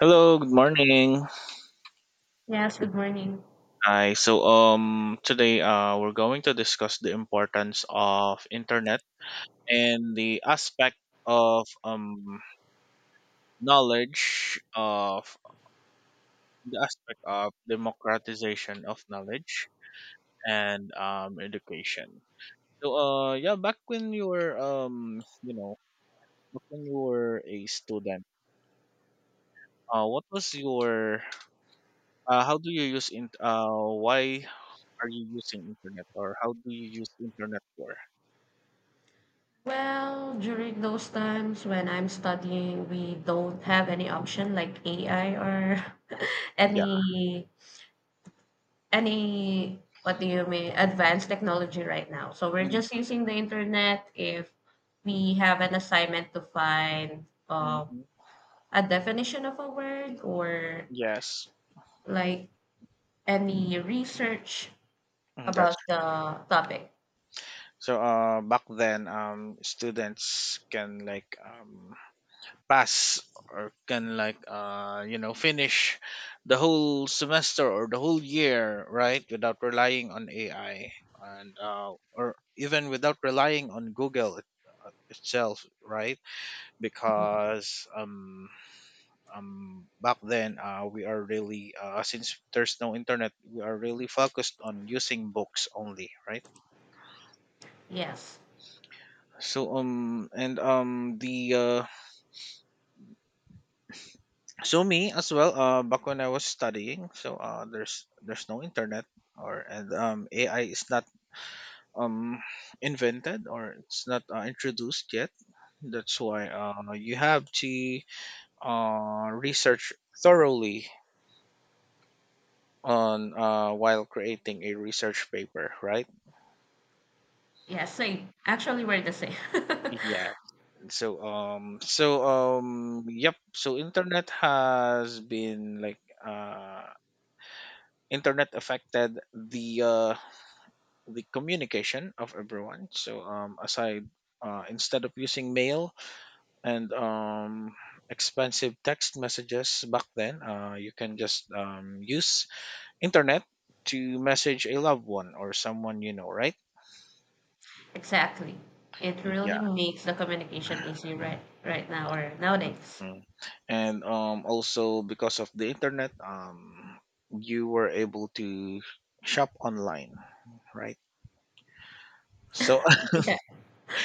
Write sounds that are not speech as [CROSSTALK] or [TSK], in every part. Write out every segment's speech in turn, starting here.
Hello, good morning. Yes, good morning. Hi. So today we're going to discuss the importance of internet and the aspect of knowledge of the aspect of democratization of knowledge and education. So yeah, back when you were back when you were a student, what was your how do you use in why are you using internet or how do you use internet for? Well, during those times when I'm studying, we don't have any option like AI or [LAUGHS] Yeah. any any what do you mean advanced technology right now. So we're just Hmm. using the internet if we have an assignment to find Hmm. a definition of a word or Yes. like any research Mm, that's about the topic. so. Back then, students can like pass or can like finish the whole semester or the whole year right without relying on AI and or even without relying on Google it, itself right Mhm. because back then we are really since there's no internet we are really focused on using books only right Yes. so and the so me as well back when I was studying so there's no internet or and AI is not um invented or it's not introduced yet. That's why you have to research thoroughly on while creating a research paper right. Yes, same. Actually, we're the same. [LAUGHS] Yeah, so yep, so internet has been like internet affected the communication of everyone so aside instead of using mail and expensive text messages back then you can just use internet to message a loved one or someone you know, right? Exactly. It really makes the communication easy right now or nowadays. Mm. And also because of the internet, you were able to shop online, right? So, Yeah.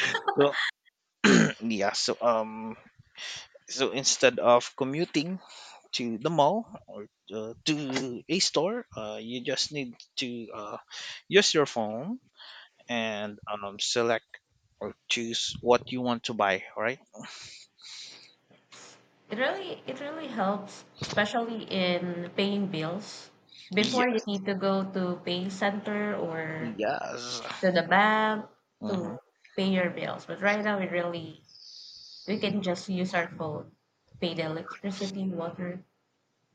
[LAUGHS] so [CLEARS THROAT] yeah, so so instead of commuting to the mall or to a store, you just need to use your phone and select or choose what you want to buy, right? It really helps, especially in paying bills. Before Yeah, you need to go to pay center or yes. to the bank to Mm-hmm. pay your bills. But right now it really we can just use our phone to pay the electricity, water,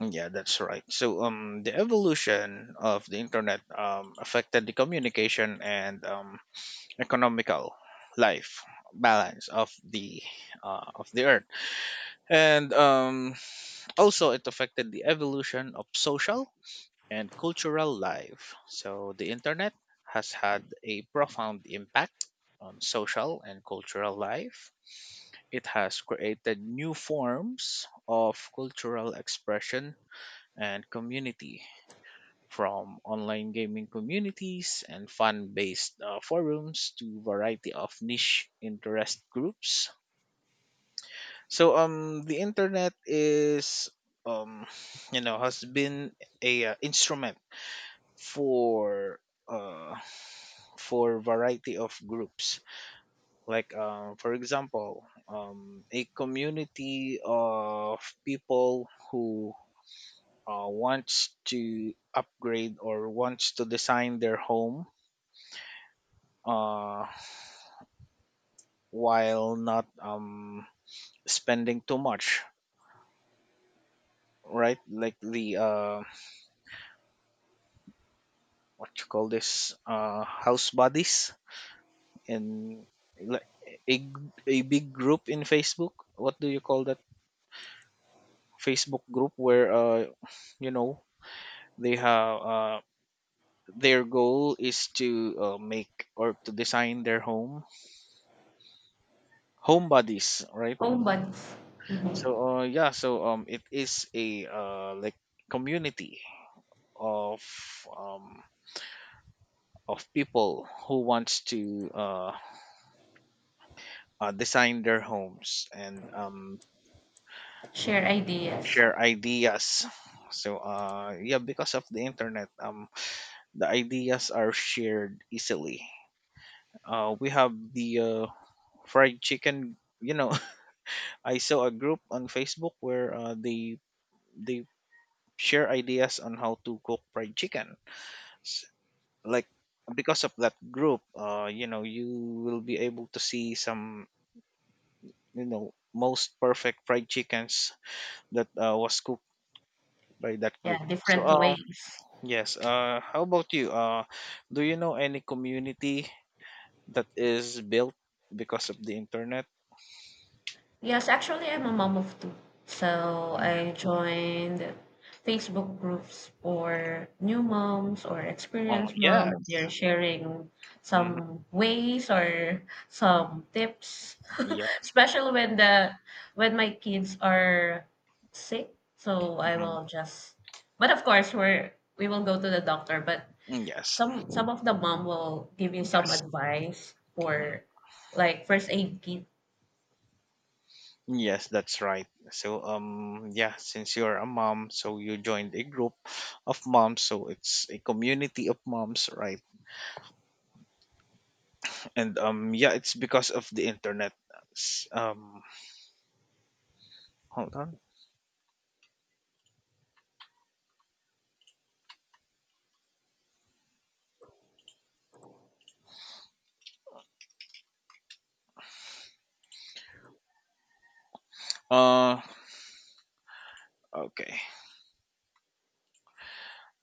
Mm, yeah, that's right. So, the evolution of the internet affected the communication and economical life balance of the earth, and also it affected the evolution of social and cultural life. So, the internet has had a profound impact on social and cultural life. It has created new forms of cultural expression and community, from online gaming communities and fan-based forums to variety of niche interest groups. So the internet is um [SIGHS] you know has been a instrument for uh for variety of groups like for example a community of people who wants to upgrade or wants to design their home uh while not spending too much, right? Like the what you call this house buddies, and like a big group in Facebook, what do you call that, Facebook group where you know they have their goal is to make or to design their home. Home buddies, right? home buds, hmm So yeah, so it is a like community of um of people who wants to design their homes and share ideas. share ideas. So yeah, because of the internet, the ideas are shared easily. We have the fried chicken. You know, [LAUGHS] I saw a group on Facebook where they share ideas on how to cook fried chicken. S- Like because of that group, you know, you will be able to see some, you know, most perfect fried chickens that was cooked by that group, Yeah, so different ways. yes. How about you? Do you know any community that is built because of the internet? Yes, actually, I'm a mom of two. So Yeah. I joined Facebook groups for new moms or Oh experienced yeah. mom. They're sharing Hmm. some ways or some tips, Yeah. [LAUGHS] especially when the when my kids are sick. So I Mhm. will just, but of course, we will go to the doctor. But Mm, yes. some of the mom will give you some Yes. advice Mm, for like first aid kit. yes, that's right. So yeah, since you're a mom, so you joined a group of moms, so it's a community of moms, right? And yeah, it's because of the internet. S- hold on. Uh, okay.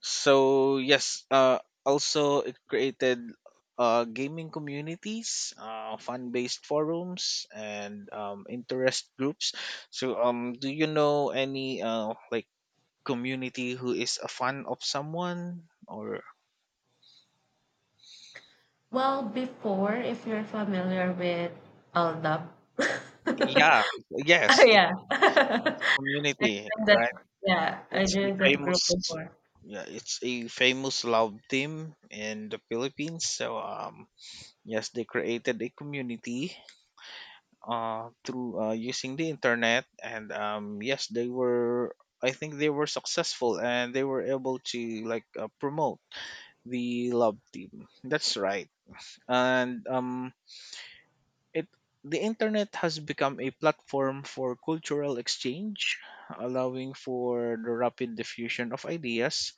So yes, also it created gaming communities, fun-based forums, and interest groups. So do you know any like community who is a fan of someone, or Well, before, if you're familiar with LDAP, [LAUGHS] yeah, oh yes, it's yeah, a [LAUGHS] I community, joined that. right? Yeah, I It's a joined that famous, group before. yeah, it's a famous love team in the Philippines. So yes, they created a community through using the internet, and yes, they were. I think they were successful, and they were able to like promote the love team. That's right, and it the internet has become a platform for cultural exchange, allowing for the rapid diffusion of ideas,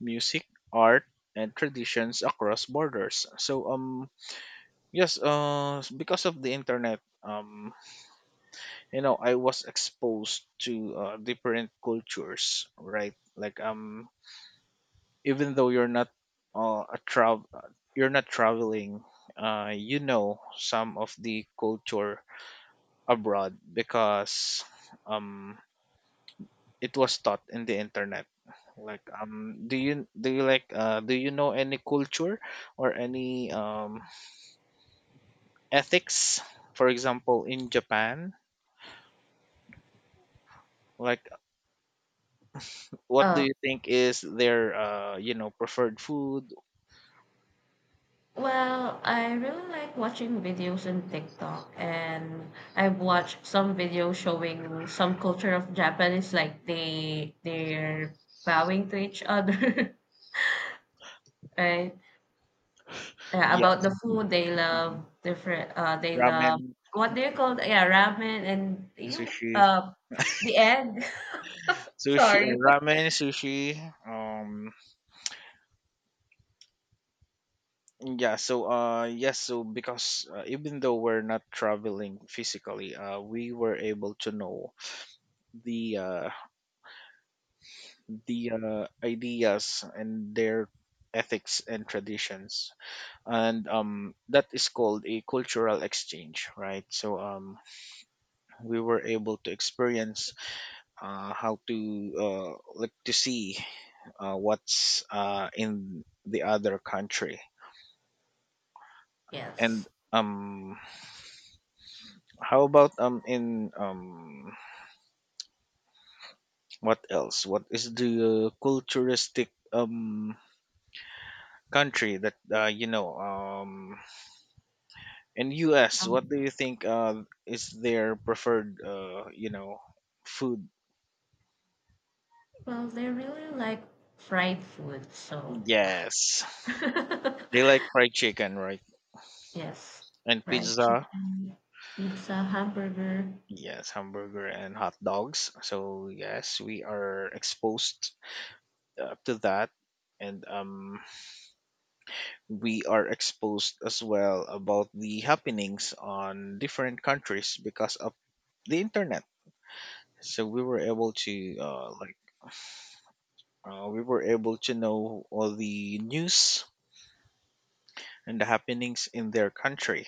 music, art, and traditions across borders. So yes, because of the internet, you know, I was exposed to different cultures, right? Like, even though you're not a travel, you're not traveling, you know, some of the culture abroad because um, it was taught in the internet. Like, do you like do you know any culture or any ethics, for example, in Japan? Like, what do Uh, you think is their preferred food? well, I really like watching videos on TikTok, and I've watched some videos showing some culture of Japanese, like they're bowing to each other, [LAUGHS] right? Yeah, Yeah, about the food they love different they love ramen, what do you call it? Yeah, ramen and you sushi, the egg. [LAUGHS] sushi, Sorry. ramen, sushi. Um, yeah. So yes. So because even though we're not traveling physically, we were able to know the uh the ideas and their ethics and traditions, and that is called a cultural exchange, right? So we were able to experience how to look to see what's in the other country. And Yes, how about in what else, what is the culturistic country that you know, in US, what um, do you think is their preferred food? well they really like fried food so. Yes, they like [LAUGHS] fried chicken, right? Yes, And fried pizza. chicken, pizza, hamburger. Yes, hamburger and hot dogs. So yes, we are exposed to that, and we are exposed as well about the happenings on different countries because of the internet. So we were able to like we were able to know all the news and the happenings in their country.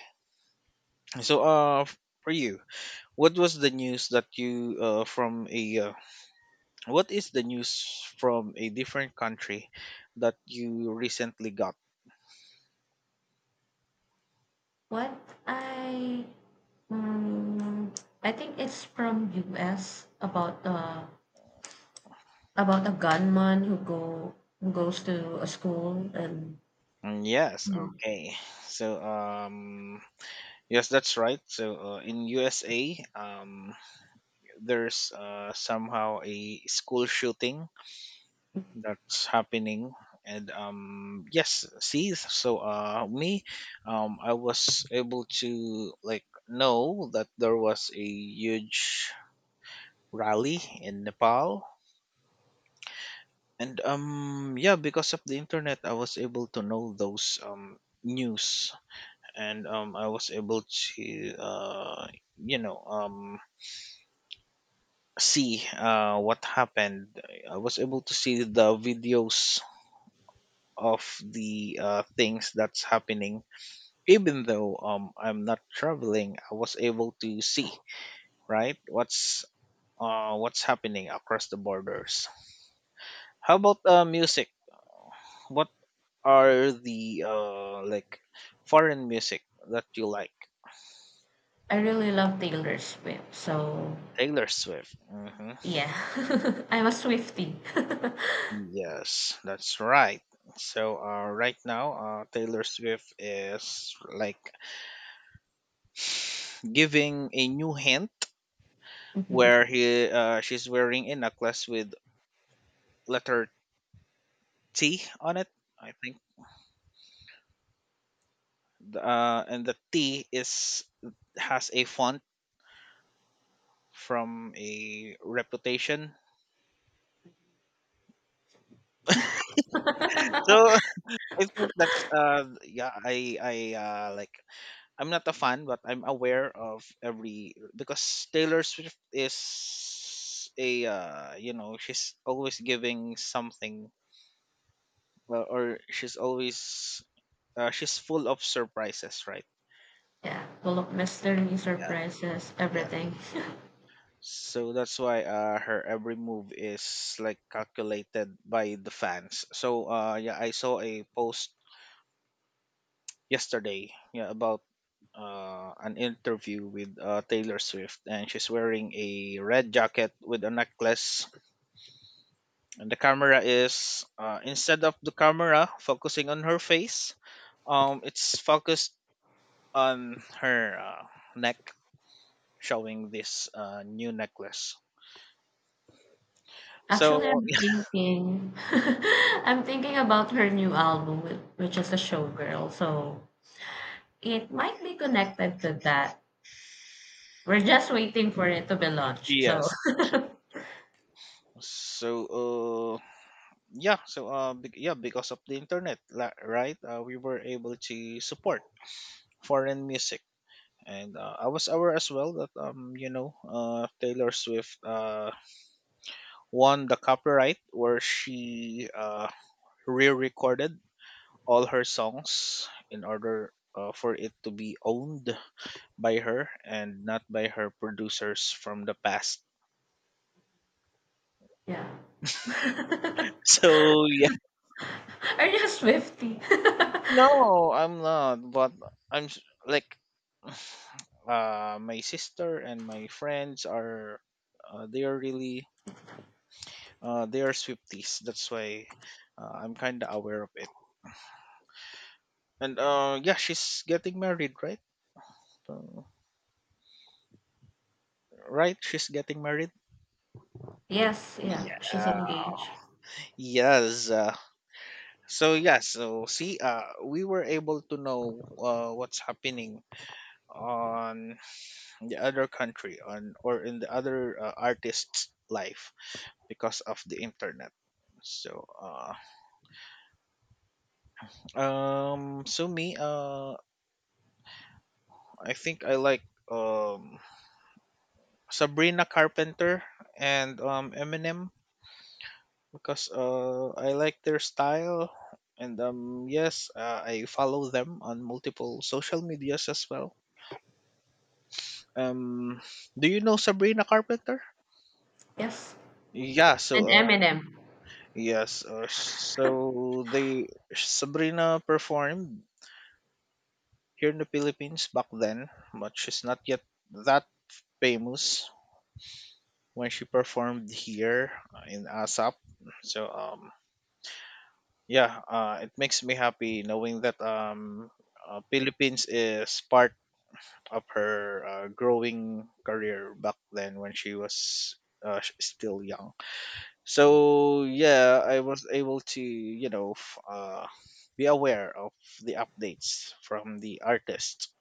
So for you, what was the news that you from a what is the news from a different country that you recently got? What I, mm, I think it's from US about a gunman who go who goes to a school and Mm, yes, okay. So, yes, that's right. So, in USA, there's somehow a school shooting that's happening. And yes, see, so me, I was able to like know that there was a huge rally in Nepal. And yeah, because of the internet, I was able to know those news, and I was able to uh you know um see what happened. I was able to see the videos of the things that's happening. Even though I'm not traveling, I was able to see right what's happening across the borders. How about music? What are the like foreign music that you like? I really love Taylor Swift. So, Taylor Swift. Hmm. yeah, [LAUGHS] I'm a Swiftie. [LAUGHS] Yes, that's right. So right now Taylor Swift is like giving a new hint Mhm. where he she's wearing a necklace with letter T on it, I think. And the T is has a font from a reputation. So [LAUGHS] I think that's yeah, I like I'm not a fan, but I'm aware of every because Taylor Swift is a you know, she's always giving something or she's always she's full of surprises, right? Yeah, full of mystery, Yeah, surprises, yeah. everything. So that's why her every move is like calculated by the fans. So yeah, I saw a post yesterday, yeah, about an interview with Taylor Swift, and she's wearing a red jacket with a necklace. And the camera is instead of the camera focusing on her face, it's focused on her neck, showing this new necklace. [LAUGHS] Actually, So [LAUGHS] I'm thinking about her new album, which is a showgirl. So it might be connected to that. We're just waiting for it to be [LAUGHS] launched. So yes, so yeah, because of the internet, la- right? We were able to support foreign music. And I was aware as well that Taylor Swift won the copyright where she re-recorded all her songs in order for it to be owned by her and not by her producers from the past. [LAUGHS] [LAUGHS] yeah, [LAUGHS] So yeah, are you a Swiftie? no, I'm not. But like my sister and my friends are they are really they are Swifties. That's why I'm kind of aware of it. And yeah, she's getting married, right? So, right, she's getting married. [LAUGHS] Yes, yeah, she's Yeah. engaged. Yes. So yeah, so see, we were able to know what's happening on the other country on or in the other artist's life because of the internet. So so me, I think I like um Sabrina Carpenter and Eminem because I like their style, and yes, I follow them on multiple social medias as well. Um, do you know Sabrina Carpenter? Yes, Yeah, and Eminem. yes, so they Sabrina performed here in the Philippines back then, but she's not yet that famous when she performed here in ASAP. So um, yeah, it makes me happy knowing that Philippines is part of her growing career back then when she was still young. So yeah, I was able to be aware of the updates from the artist,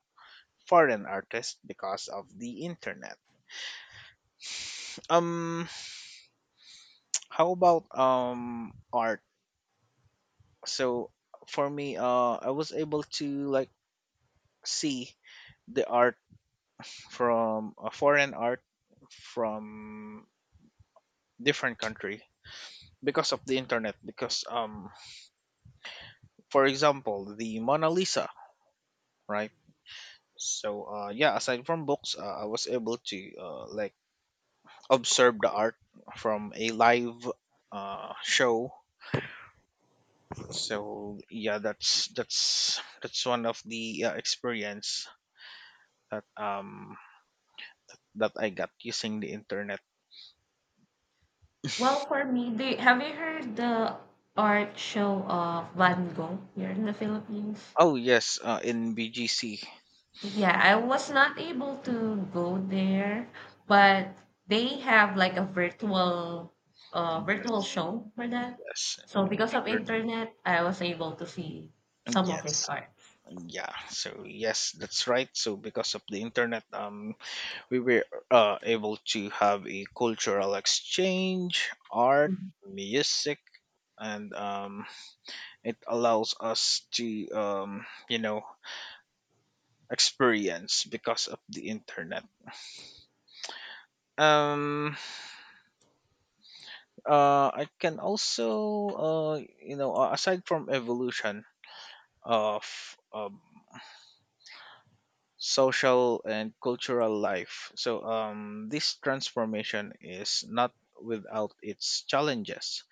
foreign artist, because of the internet um [TSK] how about art? So for me, I was able to like see the art from a foreign art from different country because of the internet, because for example the Mona Lisa, right? Yeah, aside from books, I was able to like observe the art from a live show. So yeah, that's one of the experience that um that I got using the internet. Well, for me, have you heard the art show of Van Gogh here in the Philippines? Oh yes, in BGC. Yeah, I was not able to go there, but they have like a virtual Yes, show for that. yes, So because of paper- internet, I was able to see some of his yes, art. yeah. So yes, that's right. So because of the internet, we were able to have a cultural exchange, art, Mhm. music, and it allows us to, experience because of the internet. Um, I can also, aside from evolution of social and cultural life, so this transformation is not without its challenges.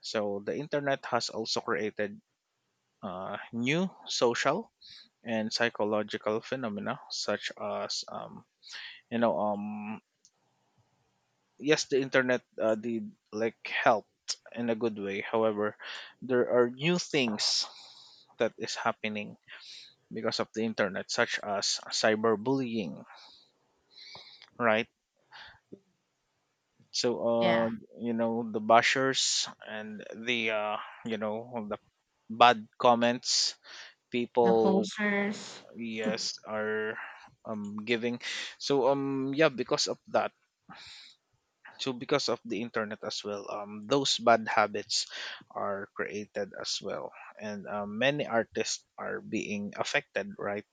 So the internet has also created new social and psychological phenomena such as you know um yes, the internet did like helped in a good way. However, there are new things that is happening because of the internet such as cyberbullying, right? So uh Yeah, you know the bashers and the you know the bad comments the people, posters. yes, are giving. Yeah, because of that, so because of the internet as well, those bad habits are created as well, and many artists are being affected, right?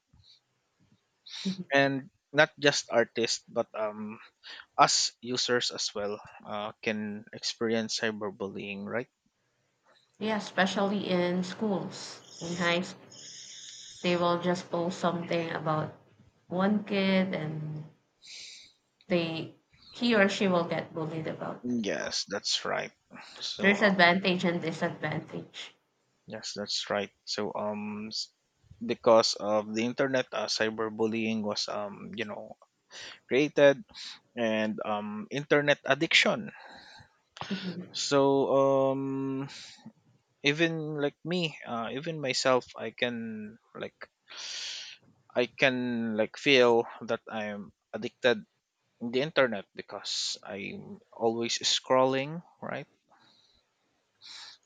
Mhm. And not just artists but us users as well can experience cyberbullying, right? Yeah, especially in schools, in high school, they will just post something about one kid and they he or she will get bullied about. Yes, that's right. so There's uh, advantage and disadvantage. yes, that's right. Because of the internet cyberbullying was created. And internet addiction. Mhm. so um even like me, even myself, I can like feel that I'm addicted in the internet because I'm always scrolling, right?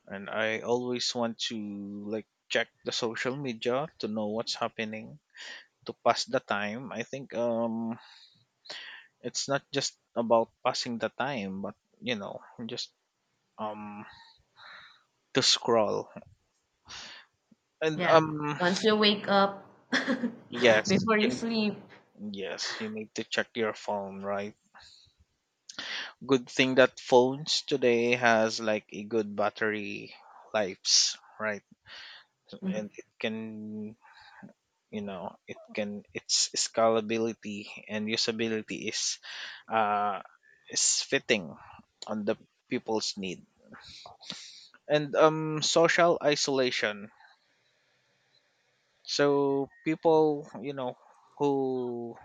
And I always want to like check the social media to know what's happening to pass the time. I think it's not just about passing the time but you know just um to scroll. And Yeah. Once you wake up, [LAUGHS] yes, before you in, sleep. yes, you need to check your phone, right? Good thing that phones today has like a good battery lives, right? And Mhm. it can, you know, it can its scalability and usability uh, is fitting on the people's need. And social isolation. So people, who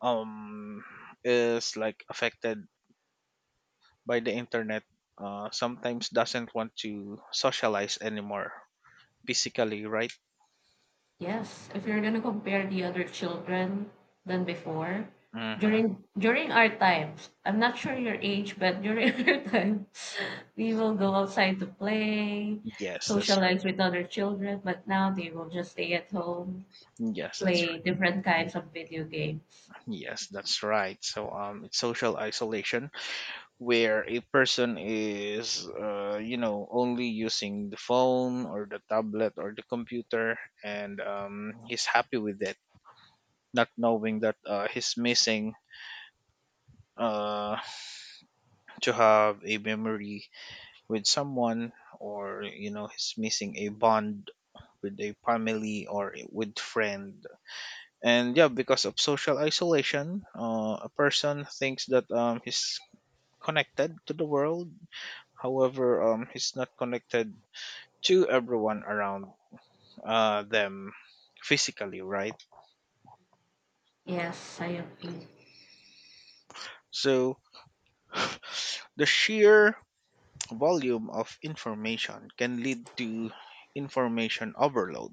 um is like affected by the internet sometimes doesn't want to socialize anymore physically, right? Yes, if you're gonna compare the other children than before, Mm-hmm. during our times, I'm not sure your age, but during [LAUGHS] our time, we will go outside to play, Yes, that's right. socialize with other children, but now they will just stay at home, Yes, that's play different kinds of video games. right. Yes, that's right. It's social isolation where a person is, only using the phone or the tablet or the computer, and he's happy with it, not knowing that he's missing uh to have a memory with someone, or you know he's missing a bond with a family or with friend, and yeah, because of social isolation, a person thinks that he's connected to the world. However, he's not connected to everyone around them, physically, right? Yes, I agree. So [SIGHS] the sheer volume of information can lead to information overload,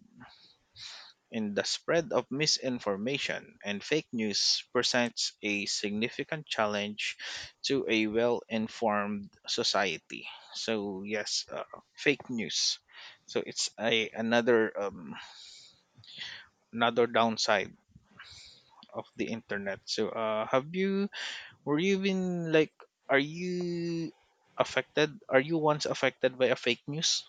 in the spread of misinformation, and fake news presents a significant challenge to a well informed society. So, yes, fake news. So it's a another another downside of the internet. Have you were you been like are you affected? Are you once affected by a fake news?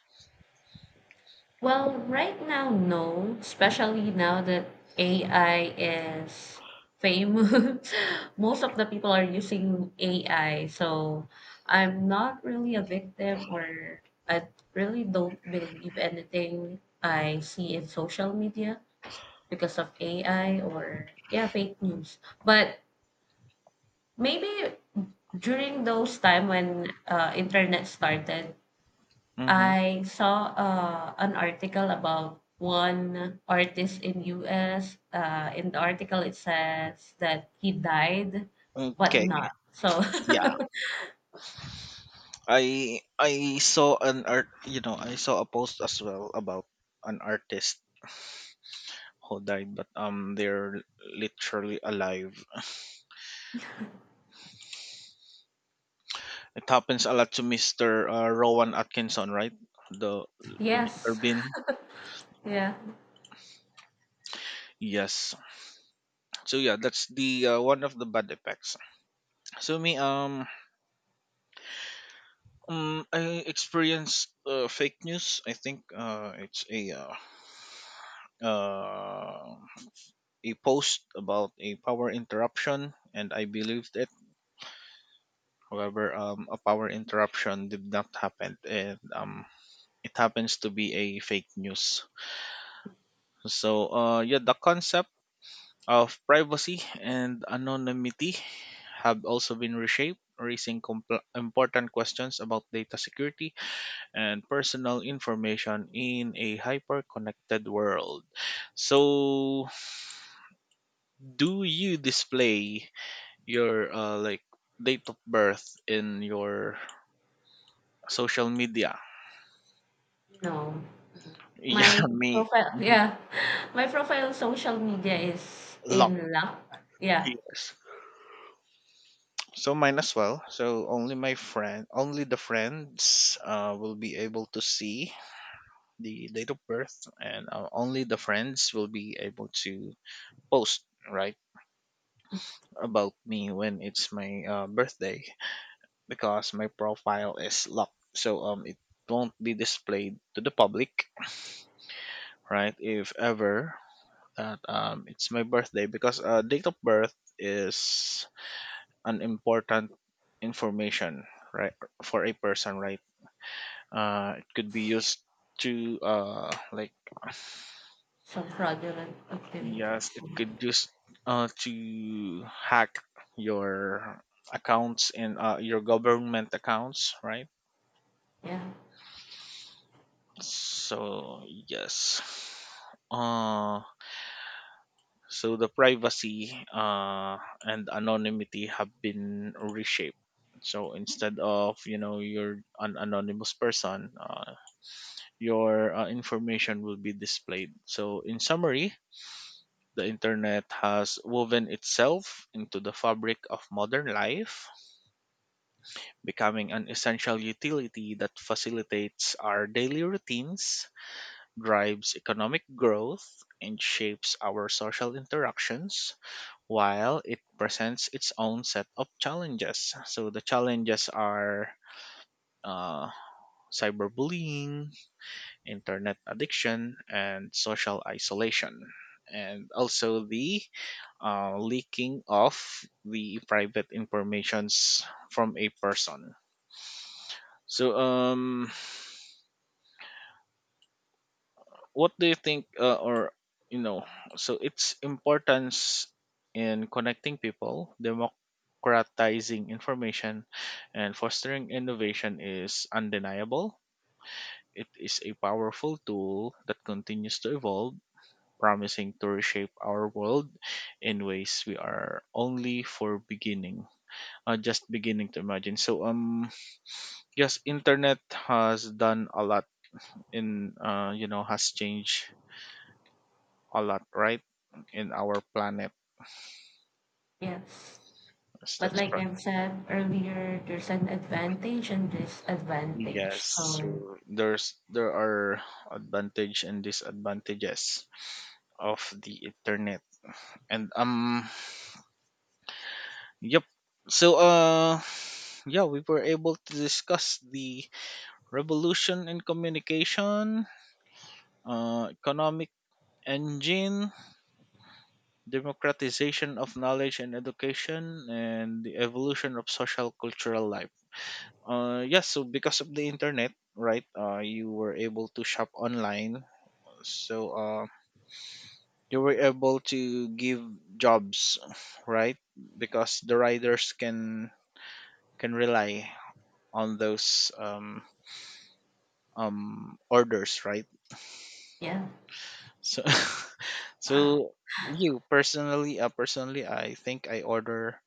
Well, right now, no, especially now that AI is famous. [LAUGHS] Most of the people are using AI, so I'm not really a victim or I really don't believe anything I see in social media because of AI or yeah, fake news. But maybe during those time when internet started, Mm-hmm. I saw an article about one artist in US. In the article, it says that he died, but Okay. not. So Yeah. I saw a post as well about an artist who died, but they're literally alive. It happens a lot to Mister Rowan Atkinson, right? The [LAUGHS] the Mister yes, Bean. yeah, Yes. So yeah, that's the one of the bad effects. So me, I experienced fake news. I think it's uh, a post about a power interruption, and I believed. However, a power interruption did not happen, and it happens to be a fake news. So, yeah, the concept of privacy and anonymity have also been reshaped, raising important questions about data security and personal information in a hyper-connected world. So, do you display your like date of birth in your social media? no. Yeah, My [LAUGHS] me, profile, mhm, yeah, [LAUGHS] my profile on social media is luck. in luck. Yeah, Yes. So mine as well. So only my friend, only the friends, will be able to see the date of birth, and only the friends will be able to post, right, about me when it's my birthday because my profile is locked. It won't be displayed to the public, right? If ever that it's my birthday because date of birth is an important information, right, for a person, right? It could be used to like some fraudulent yes, activities. it could use to hack your accounts and your government accounts, right? Yeah, So yes, uh so the privacy and anonymity have been reshaped. So instead of you're an anonymous person, your information will be displayed. So, in summary, the internet has woven itself into the fabric of modern life, becoming an essential utility that facilitates our daily routines, drives economic growth, and shapes our social interactions, while it presents its own set of challenges. So, the challenges are uh, cyberbullying, internet addiction, and social isolation. And also the leaking of the private informations from a person. So, what do you think, you know, so its importance in connecting people, democratizing information, and fostering innovation is undeniable. It is a powerful tool that continues to evolve, promising to reshape our world in ways we are only for beginning just beginning to imagine. Yes, internet has done a lot in has changed a lot, right, in our planet. yes. Yes, But that's like right. I've said earlier, there's an advantage and disadvantage. Yes, So so there are advantage and disadvantages of the internet, and yep. so uh yeah, we were able to discuss the revolution in communication, economic engine, democratization of knowledge and education, and the evolution of social cultural life. Yes, so because of the internet, right, you were able to shop online. So uh, you were able to give jobs, right? Because the riders can rely on those orders, right? yeah. So, [LAUGHS] so you personally, personally, I think I order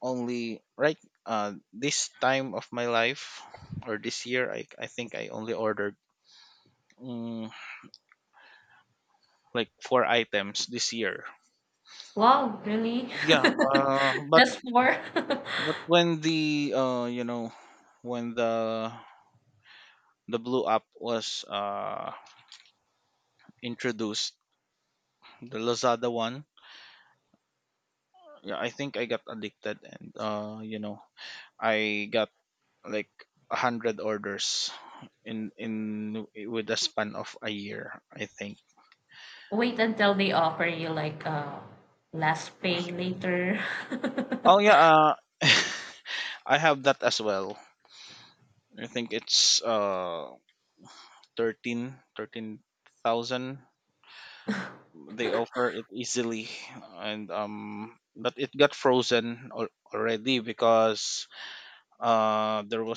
only, right, this time of my life, or this year. I think I only ordered mm, like four items this year. Wow, really? Yeah, [LAUGHS] Just four? but when the when the blue app was introduced, the Lazada one, yeah, I think I got addicted and I got like 100 orders in with a span of a year, I think. [LAUGHS] Wait until they offer you like last pay later. Oh [LAUGHS] yeah, [LAUGHS] I have that as well. I think it's thirteen thirteen thousand. They offer it easily and but it got frozen already because there was